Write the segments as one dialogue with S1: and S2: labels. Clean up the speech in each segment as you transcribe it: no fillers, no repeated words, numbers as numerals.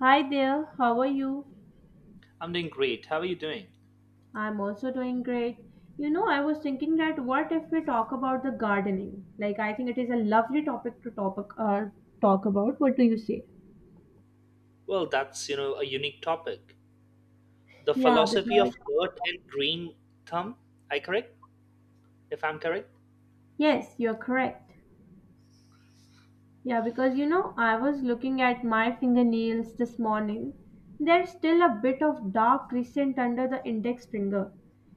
S1: Hi there, how are you?
S2: I'm doing great. How are you doing?
S1: I'm also doing great. You know, I was thinking that what if we talk about the gardening? Like, I think it is a lovely topic to talk, talk about. What do you say?
S2: Well, that's a unique topic. The
S1: Yeah,
S2: philosophy of
S1: because
S2: earth and green thumb, I correct? If I'm correct?
S1: yes, you're correct. Yeah, because you know, I was looking at my fingernails this morning. There's still a bit of dark crescent under the index finger,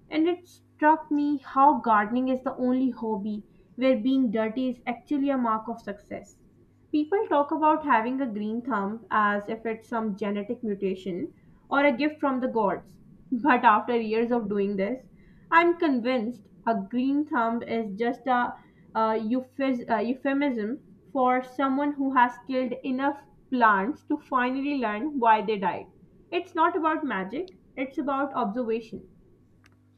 S1: and it struck me how gardening is the only hobby where being dirty is actually a mark of success. People talk about having a green thumb as if it's some genetic mutation or a gift from the gods. But after years of doing this, I'm convinced a green thumb is just a euphemism for someone who has killed enough plants to finally learn why they died. It's not about magic, it's about observation.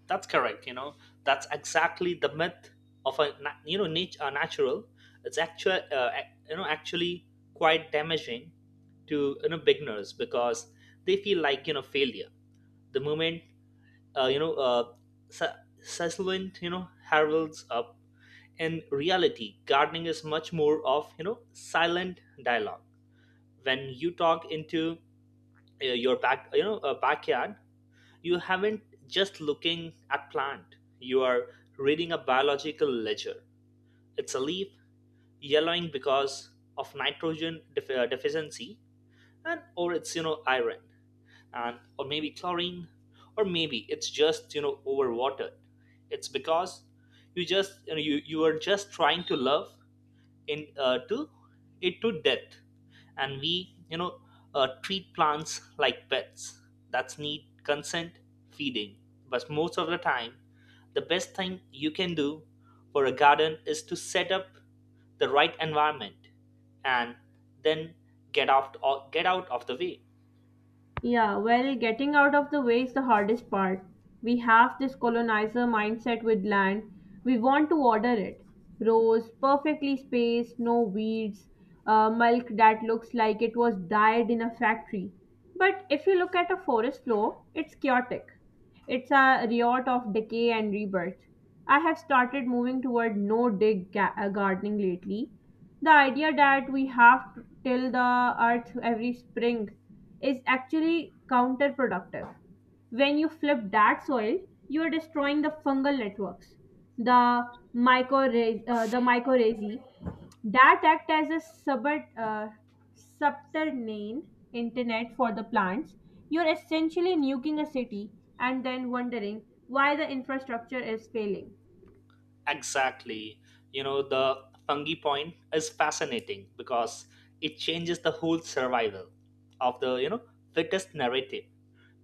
S2: That's correct. That's exactly the myth of a natural. It's actually quite damaging to beginners because they feel like failure. The moment, uh, you know, uh, Su- Sussland, heralds up. In reality gardening is much more of silent dialogue. When you talk into your backyard, you haven't just looking at plant, you are reading a biological ledger. It's a leaf yellowing because of nitrogen deficiency, and or it's iron, and or maybe chlorine, or maybe it's just overwatered. It's because you just you are just trying to love in to it to death. And we treat plants like pets that's need consent feeding. But most of the time, the best thing you can do for a garden is to set up the right environment, and then get out get out of the way.
S1: Yeah, well, getting out of the way is the hardest part. We have this colonizer mindset with land. We want to order it. Rows, perfectly spaced, no weeds, milk that looks like it was dyed in a factory. But if you look at a forest floor, it's chaotic. It's a riot of decay and rebirth. I have started moving toward no dig gardening lately. The idea that we have to till the earth every spring is actually counterproductive. When you flip that soil, you are destroying the fungal networks, the the mycorrhizae that act as a subut, uh, subterranean internet for the plants. You're essentially nuking a city and then wondering why the infrastructure is failing.
S2: Exactly. The fungi point is fascinating because it changes the whole survival of the fittest narrative.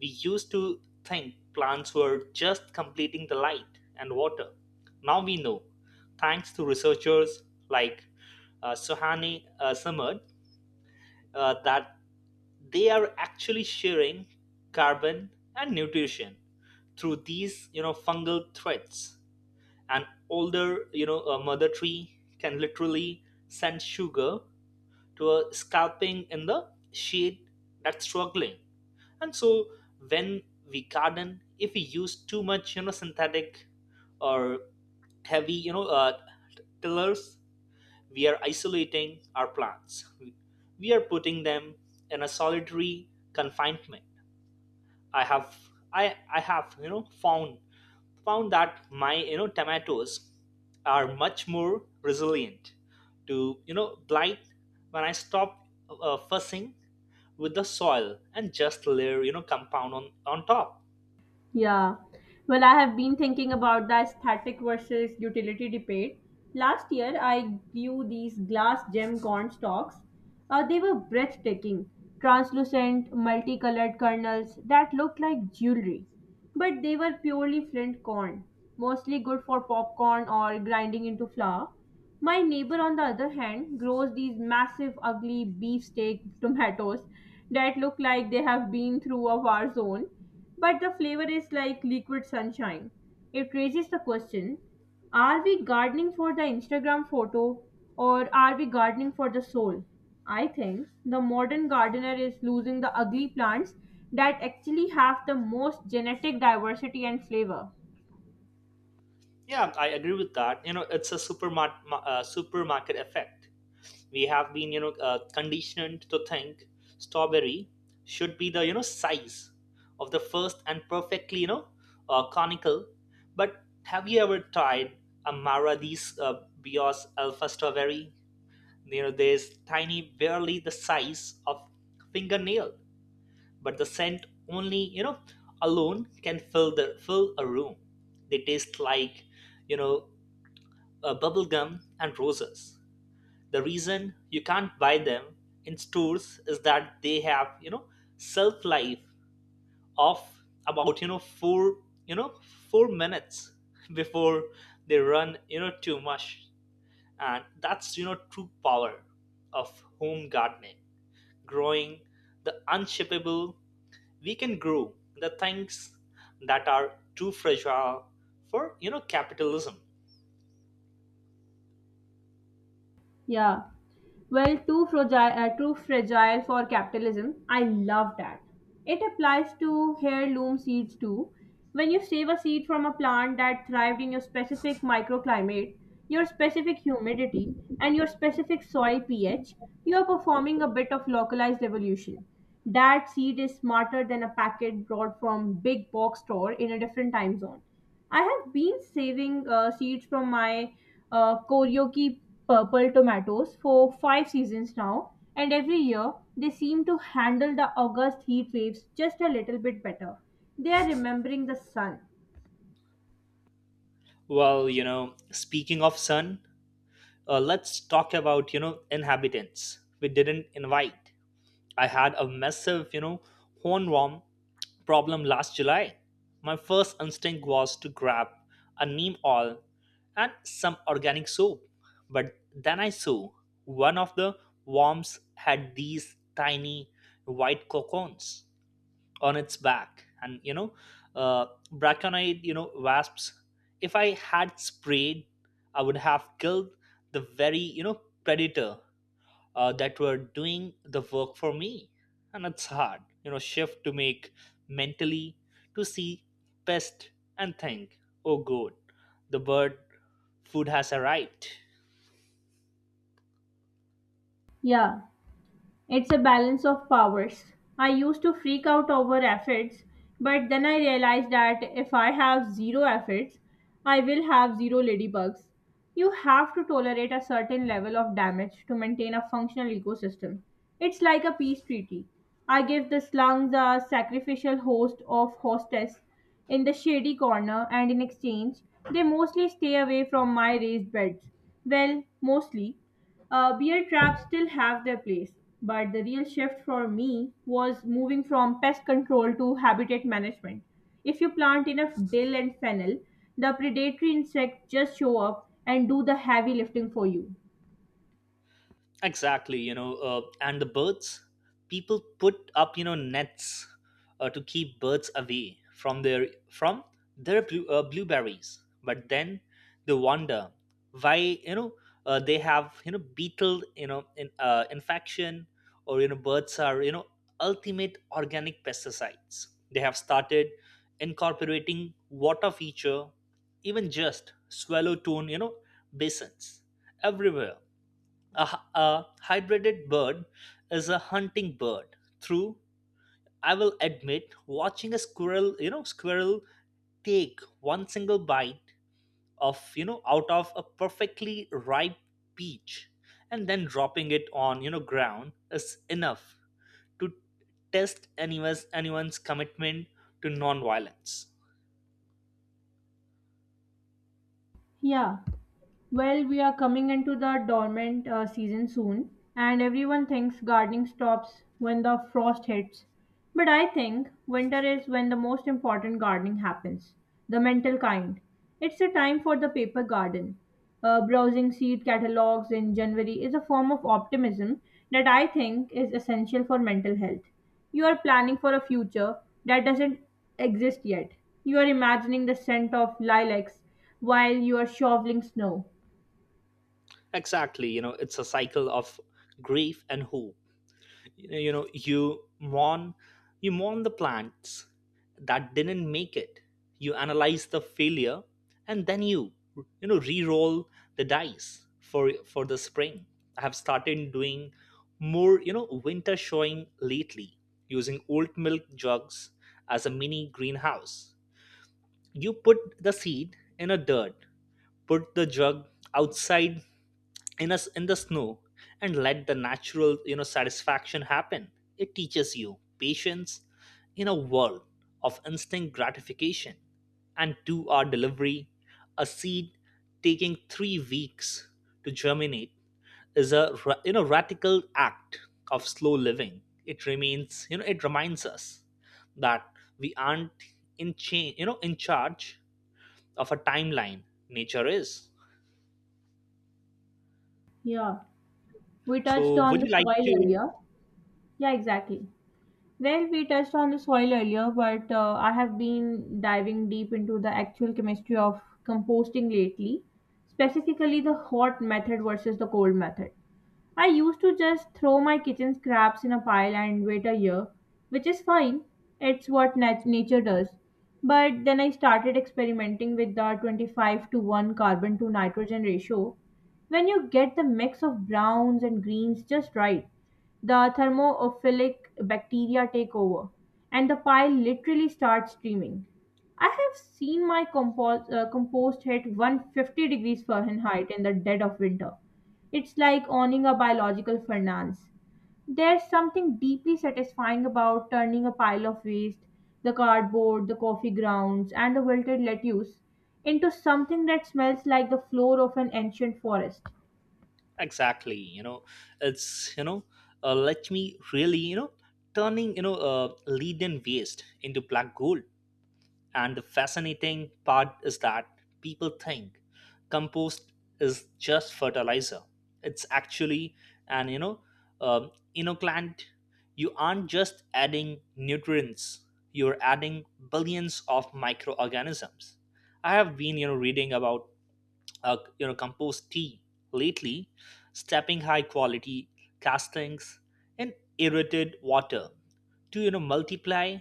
S2: We used to think plants were just completing the light and water. Now we know, thanks to researchers like Sohani Samad, that they are actually sharing carbon and nutrition through these fungal threads. An older, you know, a mother tree can literally send sugar to a scalping in the shade that's struggling. And so when we garden, if we use too much synthetic or heavy tillers, we are isolating our plants, we are putting them in a solitary confinement. I have i i have found that my tomatoes are much more resilient to blight when I stop fussing with the soil and just layer compound on top.
S1: Yeah. Well, I have been thinking about the aesthetic versus utility debate. Last year, I grew these glass gem corn stalks. They were breathtaking, translucent, multicolored kernels that looked like jewelry. But they were purely flint corn, mostly good for popcorn or grinding into flour. My neighbor, on the other hand, grows these massive, ugly beefsteak tomatoes that look like they have been through a war zone, but the flavor is like liquid sunshine. It raises the question, are we gardening for the Instagram photo or are we gardening for the soul? I think the modern gardener is losing the ugly plants that actually have the most genetic diversity and flavor.
S2: Yeah, I agree with that. You know, it's a supermarket effect. We have been conditioned to think strawberry should be the size of the first and perfectly conical. But have you ever tried Amaradi's Bios Alpha Strawberry? You know, there's tiny, barely the size of fingernail, but the scent only alone can fill a room. They taste like you know uh, bubble gum and roses. The reason you can't buy them in stores is that they have shelf life of about you know four you know four minutes before they run too much, and that's true power of home gardening, growing the unshippable. We can grow the things that are too fragile for capitalism.
S1: Yeah. Well, too fragile for capitalism. I love that. It applies to heirloom seeds too. When you save a seed from a plant that thrived in your specific microclimate, your specific humidity, and your specific soil pH, you are performing a bit of localized evolution. That seed is smarter than a packet brought from big box store in a different time zone. I have been saving seeds from my Koryoki purple tomatoes for five seasons now, and every year they seem to handle the August heat waves just a little bit better. They are remembering the sun.
S2: Well, speaking of sun, let's talk about inhabitants we didn't invite. I had a massive hornworm problem last July. My first instinct was to grab a neem oil and some organic soap, but then I saw one of the worms had these tiny white cocoons on its back, and Braconyte wasps. If I had sprayed, I would have killed the very predator that were doing the work for me. And it's hard shift to make mentally, to see pest and think, oh god, the bird food has arrived.
S1: Yeah, it's a balance of powers. I used to freak out over efforts, but then I realized that if I have zero efforts, I will have zero ladybugs. You have to tolerate a certain level of damage to maintain a functional ecosystem. It's like a peace treaty. I give the slums a sacrificial host of hostess in the shady corner, and in exchange, they mostly stay away from my raised beds. Well, mostly. Beer traps still have their place, but the real shift for me was moving from pest control to habitat management. If you plant enough dill and fennel, the predatory insects just show up and do the heavy lifting for you.
S2: Exactly, and the birds, people put up, nets, to keep birds away from their blueberries. But then they wonder why, they have, beetle infection, or birds are, ultimate organic pesticides. They have started incorporating water feature, even just swallow tone basins everywhere. A hybrided bird is a hunting bird. Through, I will admit, watching a squirrel take one single bite out of a perfectly ripe peach and then dropping it on ground is enough to test anyone's commitment to non-violence.
S1: Yeah. Well, we are coming into the dormant season soon, and everyone thinks gardening stops when the frost hits. But I think winter is when the most important gardening happens, the mental kind. It's a time for the paper garden. Browsing seed catalogs in January is a form of optimism that I think is essential for mental health. You are planning for a future that doesn't exist yet. You are imagining the scent of lilacs while you are shoveling snow.
S2: Exactly, it's a cycle of grief and hope. you know you mourn you mourn the plants that didn't make it. You analyze the failure, and then you know re-roll the dice for the spring. I have started doing more winter showing lately, using old milk jugs as a mini greenhouse. You put the seed in a dirt, put the jug outside in the snow, and let the natural satisfaction happen. It teaches you patience in a world of instant gratification and to our delivery. A seed taking 3 weeks to germinate is a radical act of slow living. It remains you know it reminds us that we aren't in chain you know in charge of a timeline, nature is.
S1: Yeah, we touched
S2: So
S1: on
S2: would
S1: the
S2: you like
S1: soil
S2: to?
S1: earlier. Yeah, exactly. Well, we touched on the soil earlier, but I have been diving deep into the actual chemistry of composting lately, specifically the hot method versus the cold method. I used to just throw my kitchen scraps in a pile and wait a year, which is fine. It's what nature does. But then I started experimenting with the 25 to 1 carbon to nitrogen ratio. When you get the mix of browns and greens just right, the thermophilic bacteria take over and the pile literally starts streaming. I have seen my compost hit 150 degrees Fahrenheit in the dead of winter. It's like owning a biological finance. There's something deeply satisfying about turning a pile of waste, the cardboard, the coffee grounds, and the wilted lettuce, into something that smells like the floor of an ancient forest.
S2: Exactly. You know it's you know uh, let me really, turning lead and waste into black gold. And the fascinating part is that people think compost is just fertilizer. It's actually an you know um, inoculant. You aren't just adding nutrients, you're adding billions of microorganisms. I have been reading about, compost tea lately, stepping high quality castings in irritated water to multiply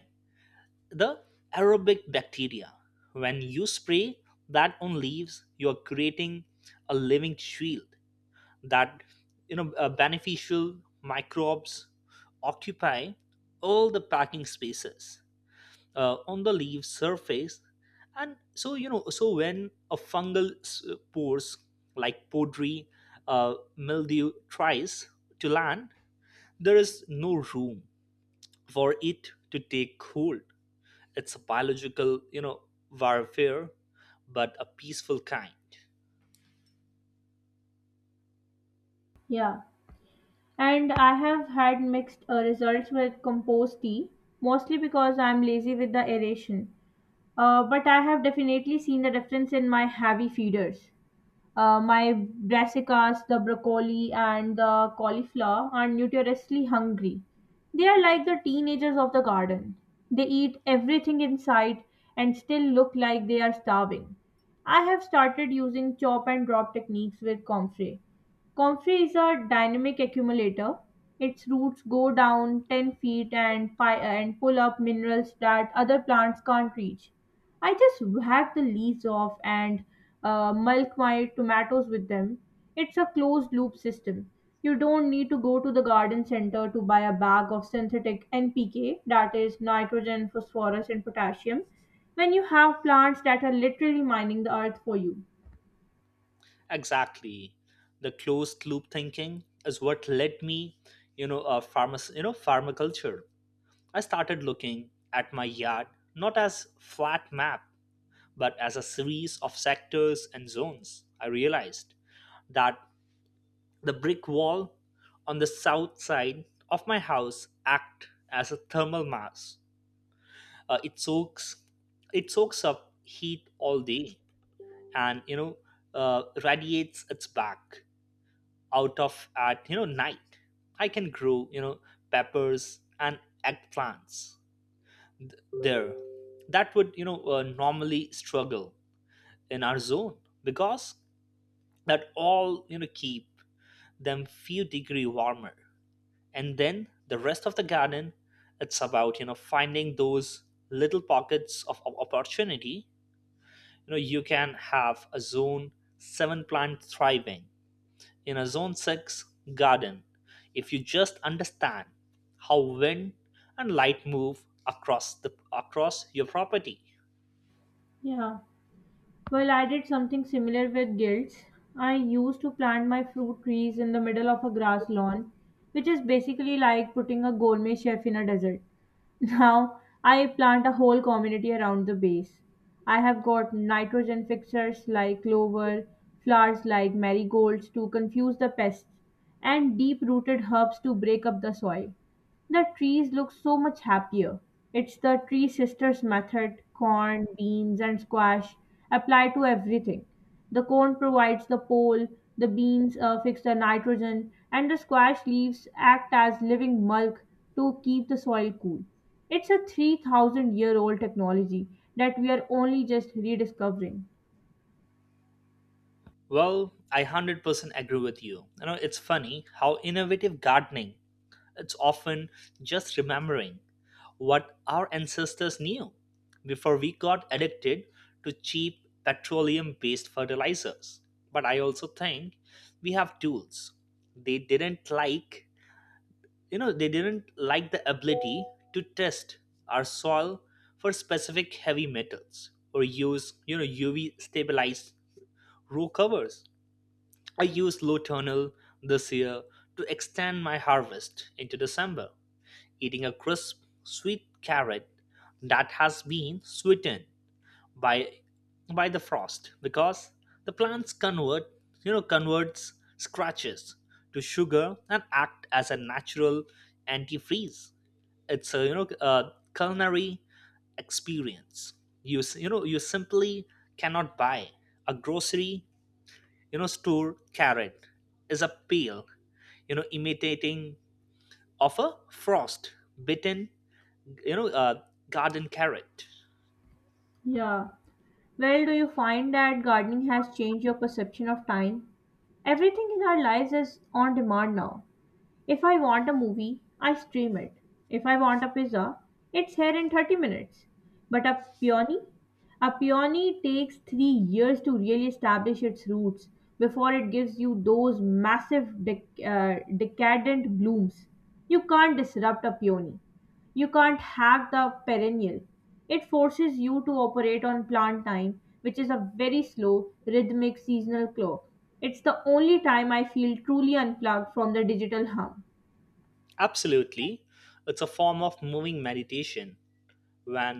S2: the aerobic bacteria. When you spray that on leaves, you are creating a living shield that beneficial microbes occupy all the packing spaces on the leaf surface. And so when a fungal pores like powdery mildew tries to land, there is no room for it to take hold. It's a biological warfare, but a peaceful kind.
S1: Yeah, and I have had mixed results with compost tea, mostly because I'm lazy with the aeration. But I have definitely seen the difference in my heavy feeders. My brassicas, the broccoli, and the cauliflower are notoriously hungry. They are like the teenagers of the garden. They eat everything in sight and still look like they are starving. I have started using chop and drop techniques with comfrey. Comfrey is a dynamic accumulator. Its roots go down 10 feet and, and pull up minerals that other plants can't reach. I just whack the leaves off and mulch my tomatoes with them. It's a closed loop system. You don't need to go to the garden center to buy a bag of synthetic NPK, that is nitrogen, phosphorus, and potassium, when you have plants that are literally mining the earth for you.
S2: Exactly. The closed loop thinking is what led me farmaculture. I started looking at my yard not as flat map, but as a series of sectors and zones. I realized that the brick wall on the south side of my house acts as a thermal mass. Uh, it soaks it soaks up heat all day, and radiates its back out of at you know night. I can grow peppers and eggplants th- there that would normally struggle in our zone, because that all keep them few degree warmer. And then the rest of the garden, it's about finding those little pockets of opportunity. You can have a zone 7 plant thriving in a zone 6 garden if you just understand how wind and light move across your property.
S1: Yeah. Well, I did something similar with gilts. I used to plant my fruit trees in the middle of a grass lawn, which is basically like putting a gourmet chef in a desert. Now I plant a whole community around the base. I have got nitrogen fixers like clover, flowers like marigolds to confuse the pests, and deep rooted herbs to break up the soil. The trees look so much happier. It's the tree sisters method, corn, beans, and squash, apply to everything. The corn provides the pole, the beans fix the nitrogen, and the squash leaves act as living mulch to keep the soil cool. It's a 3,000 year old technology that we are only just rediscovering.
S2: Well, I 100% agree with you. You know it's funny how innovative gardening, it's often just remembering what our ancestors knew before we got addicted to cheap petroleum based fertilizers. But I also think we have tools. They didn't like, they didn't like the ability to test our soil for specific heavy metals or use UV stabilized row covers. I used Low Tunnel this year to extend my harvest into December, eating a crisp, sweet carrot that has been sweetened by by the frost because the plants converts scratches to sugar and act as a natural antifreeze. It's a culinary experience. You s- you know you simply cannot buy. A grocery store carrot is a pale imitating of a frost bitten you know uh, garden carrot.
S1: Yeah. Well, do you find that gardening has changed your perception of time? Everything in our lives is on demand now. If I want a movie, I stream it. If I want a pizza, it's here in 30 minutes. But a peony? A peony takes 3 years to really establish its roots before it gives you those massive decadent blooms. You can't disrupt a peony. You can't hack the perennial. It forces you to operate on plant time, which is a very slow, rhythmic seasonal clock. It's the only time I feel truly unplugged from the digital hum.
S2: Absolutely. It's a form of moving meditation. When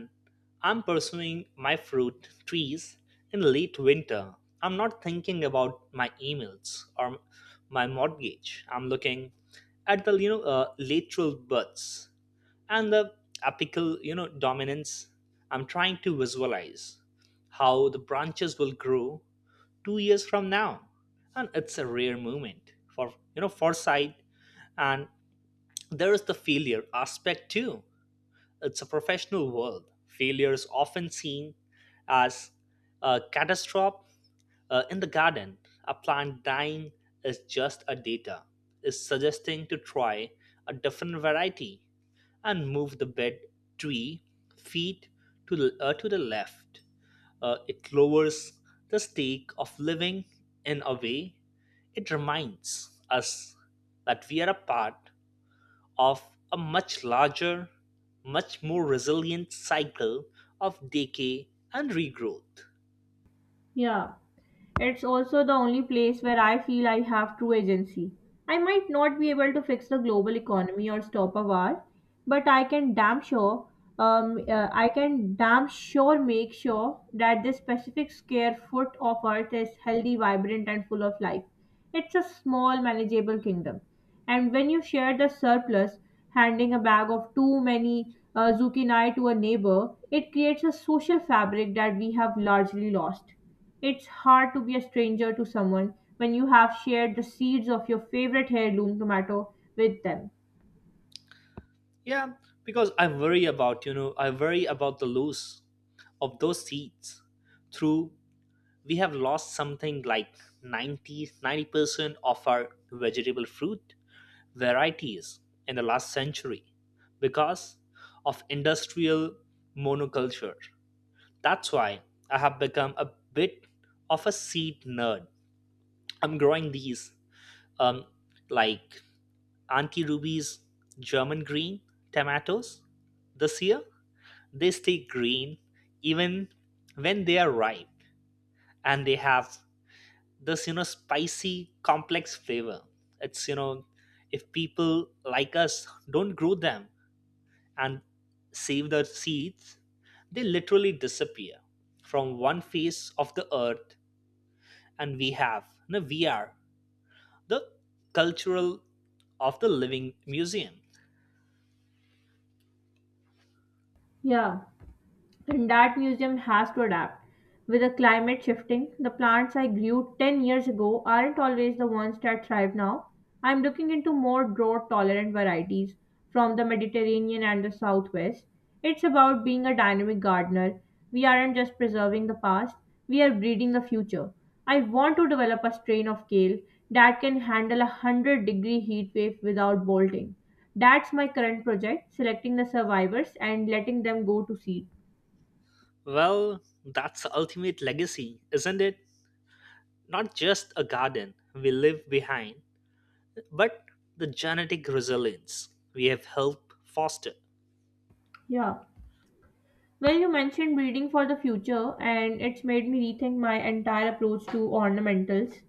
S2: I'm pursuing my fruit trees in late winter, I'm not thinking about my emails or my mortgage. I'm looking at the lateral buds and the apical dominance. I'm trying to visualize how the branches will grow 2 years from now, and it's a rare moment for foresight. And there is the failure aspect too. It's a professional world. Failure is often seen as a catastrophe. In the garden, a plant dying is just a data, is suggesting to try a different variety and move the bed 3 feet to the left. It lowers the stake of living in a way. It reminds us that we are a part of a much larger, much more resilient cycle of decay and regrowth.
S1: Yeah, it's also the only place where I feel I have true agency. I might not be able to fix the global economy or stop a war, but I can damn sure, I can damn sure make sure that this specific square foot of Earth is healthy, vibrant, and full of life. It's a small, manageable kingdom, and when you share the surplus, handing a bag of too many zucchini to a neighbor, it creates a social fabric that we have largely lost. It's hard to be a stranger to someone when you have shared the seeds of your favorite heirloom tomato with them.
S2: Yeah, because I worry about the loss of those seeds. Through we have lost something like ninety percent of our vegetable fruit varieties in the last century because of industrial monoculture. That's why I have become a bit of a seed nerd. I'm growing these um, like Auntie Ruby's German green tomatoes this year. They stay green even when they are ripe, and they have this spicy, complex flavor. It's, you know, if people like us don't grow them and save the seeds, they literally disappear from one face of the earth, and we have, we are the cultural of the living museum.
S1: Yeah. And that museum has to adapt. With the climate shifting, the plants I grew 10 years ago aren't always the ones that thrive now. I'm looking into more drought tolerant varieties from the Mediterranean and the Southwest. It's about being a dynamic gardener. We aren't just preserving the past, we are breeding the future. I want to develop a strain of kale that can handle a 100-degree heat wave without bolting. That's my current project, selecting the survivors and letting them go to seed.
S2: Well, that's the ultimate legacy, isn't it? Not just a garden we leave behind, but the genetic resilience we have helped foster.
S1: Yeah. Well, you mentioned breeding for the future, and it's made me rethink my entire approach to ornamentals.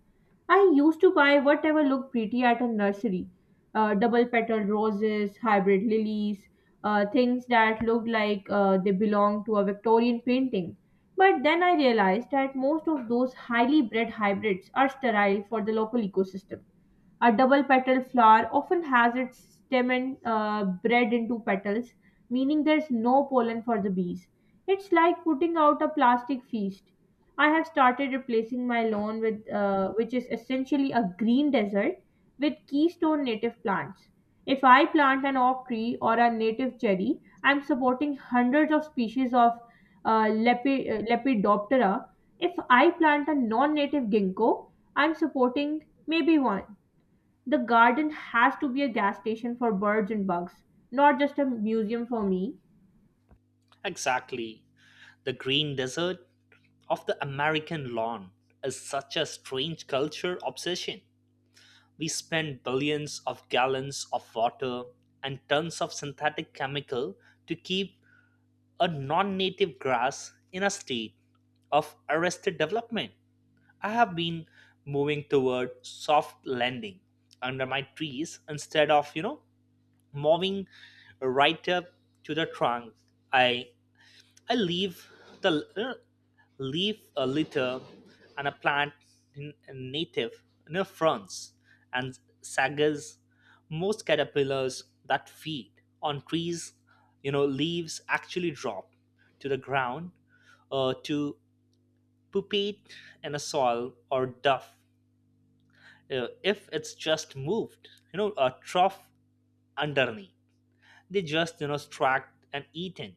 S1: I used to buy whatever looked pretty at a nursery, double petaled roses, hybrid lilies, things that looked like they belonged to a Victorian painting. But then I realized that most of those highly bred hybrids are sterile for the local ecosystem. A double petal flower often has its stem and bred into petals, meaning there's no pollen for the bees. It's like putting out a plastic feast. I have started replacing my lawn with, which is essentially a green desert, with keystone native plants. If I plant an oak tree or a native cherry, I'm supporting hundreds of species of Lepidoptera. If I plant a non native ginkgo, I'm supporting maybe one. The garden has to be a gas station for birds and bugs, not just a museum for me.
S2: Exactly. The green desert of the American lawn is such a strange culture obsession. We spend billions of gallons of water and tons of synthetic chemical to keep a non native grass in a state of arrested development. I have been moving toward soft landing under my trees instead of, moving right up to the trunk. I I leave the leave a litter and a plant in native near fronds and sagas. Most caterpillars that feed on trees, leaves actually drop to the ground to pupate in a soil or duff. If it's just moved, a trough underneath, they just tracked and eaten.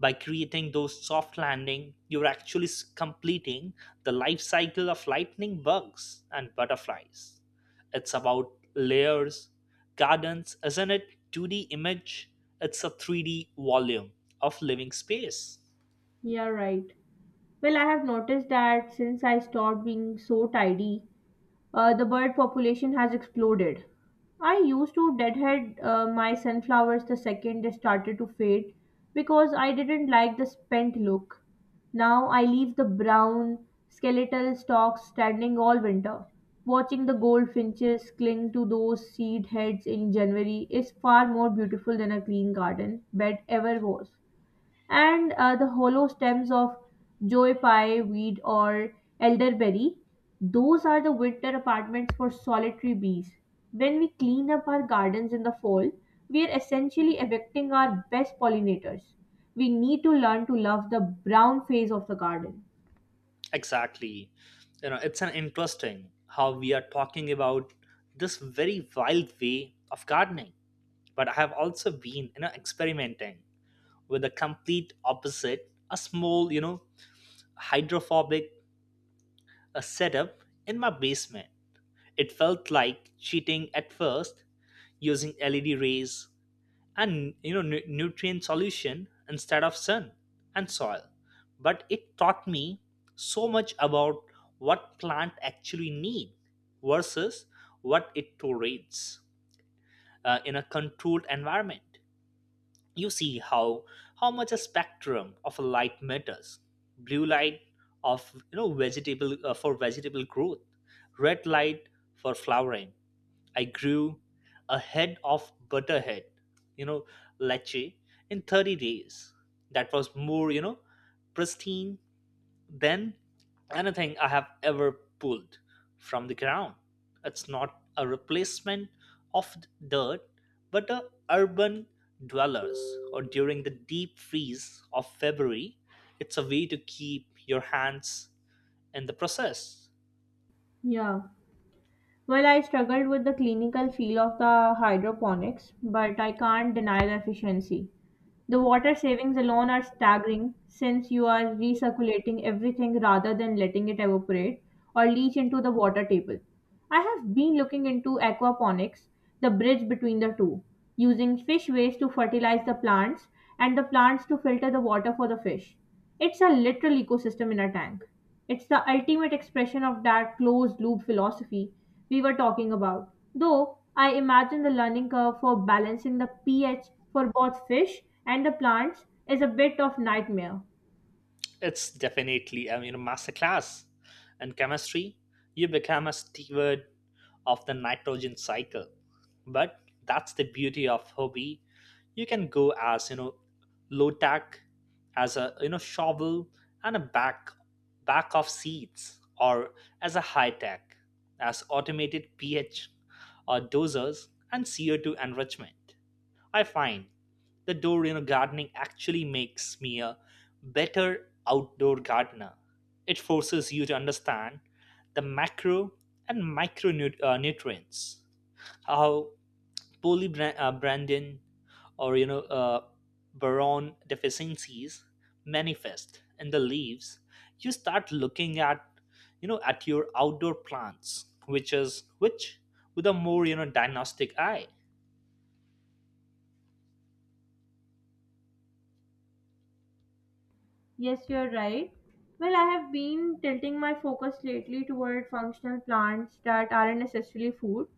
S2: By creating those soft landing you're actually completing the life cycle of lightning bugs and butterflies. It's about layers. Gardens isn't it 2d image, it's a 3d volume of living space.
S1: Yeah, right. Well, I have noticed that since I stopped being so tidy, the bird population has exploded. I used to deadhead my sunflowers the second they started to fade because I didn't like the spent look. Now I leave the brown, skeletal stalks standing all winter. Watching the goldfinches cling to those seed heads in January is far more beautiful than a green garden bed ever was. And the hollow stems of joy pie weed or elderberry, those are the winter apartments for solitary bees. When we clean up our gardens in the fall, we are essentially evicting our best pollinators. We need to learn to love the brown phase of the garden.
S2: Exactly. It's an interesting how we are talking about this very wild way of gardening, but I have also been experimenting with the complete opposite, a small hydrophobic setup in my basement. It felt like cheating at first, using LED rays and nutrient solution instead of sun and soil. But it taught me so much about what plant actually need versus what it tolerates in a controlled environment. You see how much a spectrum of a light matters. Blue light of vegetable for vegetable growth, red light for flowering. I grew a head of butterhead, you know leche, in 30 days, that was more pristine than anything I have ever pulled from the ground. It's not a replacement of dirt, but a urban dwellers or during the deep freeze of February, it's a way to keep your hands in the process.
S1: Yeah. Well, I struggled with the clinical feel of the hydroponics, but I can't deny the efficiency. The water savings alone are staggering, since you are recirculating everything rather than letting it evaporate or leach into the water table. I have been looking into aquaponics, the bridge between the two, using fish waste to fertilize the plants and the plants to filter the water for the fish. It's a literal ecosystem in a tank. It's the ultimate expression of that closed loop philosophy we were talking about. Though I imagine the learning curve for balancing the pH for both fish and the plants is a bit of nightmare.
S2: It's definitely I mean a masterclass in chemistry. You become a steward of the nitrogen cycle, but that's the beauty of hobby. You can go as low tech as a shovel and a back of seeds, or as a high tech as automated ph or dozers and CO2 enrichment. I find the door gardening actually makes me a better outdoor gardener. It forces you to understand the macro and micro nutrients, how poorly Brandon or Baron deficiencies manifest in the leaves. You start looking at at your outdoor plants, which with a more diagnostic eye.
S1: Yes, you're right. Well, I have been tilting my focus lately toward functional plants that aren't necessarily food.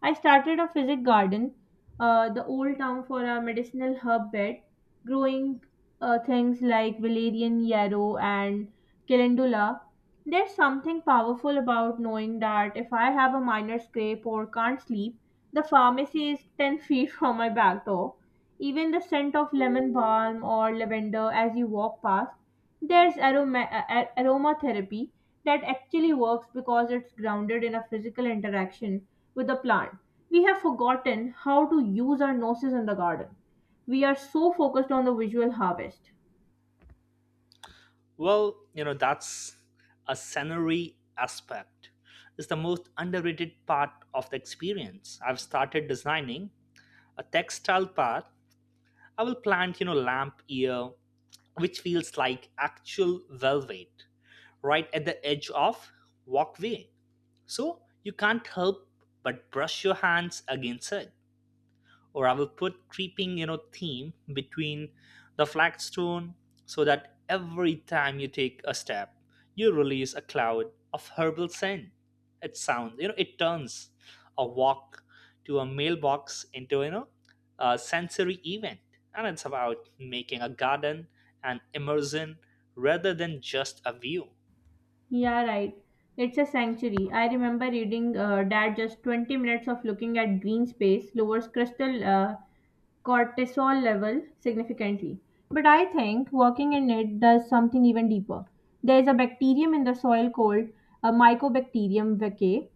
S1: I started a physic garden, the old town for a medicinal herb bed, growing things like valerian, yarrow, and calendula. There's something powerful about knowing that if I have a minor scrape or can't sleep, the pharmacy is 10 feet from my back door. Even the scent of lemon balm or lavender as you walk past, there's aroma, aromatherapy that actually works because it's grounded in a physical interaction with the plant. We have forgotten how to use our noses in the garden. We are so focused on the visual harvest.
S2: Well, that's a scenery aspect is the most underrated part of the experience. I've started designing a textile part. I will plant, lamp ear, which feels like actual velvet right at the edge of walkway, so you can't help but brush your hands against it. Or I will put creeping, theme between the flagstone, so that every time you take a step, you release a cloud of herbal scent. It sounds, it turns a walk to a mailbox into, a sensory event. And it's about making a garden an immersion rather than just a view.
S1: Yeah, right. It's a sanctuary. I remember reading that just 20 minutes of looking at green space lowers crystal cortisol level significantly. But I think working in it does something even deeper. There is a bacterium in the soil called a Mycobacterium vaccae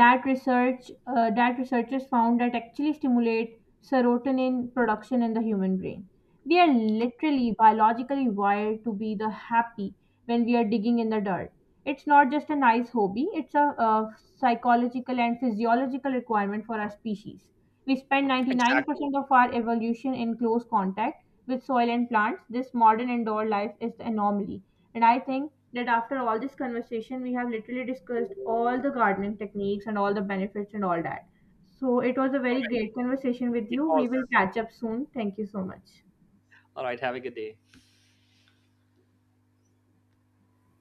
S1: that research that researchers found that actually stimulate serotonin production in the human brain. We are literally biologically wired to be the happy when we are digging in the dirt. It's not just a nice hobby, it's a, psychological and physiological requirement for our species. We spend
S2: Exactly.
S1: 99% of our evolution in close contact with soil and plants. This modern indoor life is the anomaly, and I think that after all this conversation, we have literally discussed all the gardening techniques and all the benefits and all that. So it was a
S2: All
S1: very
S2: right.
S1: great conversation with
S2: It
S1: you.
S2: was.
S1: We will catch up soon. Thank you so much.
S2: All right. Have a good day.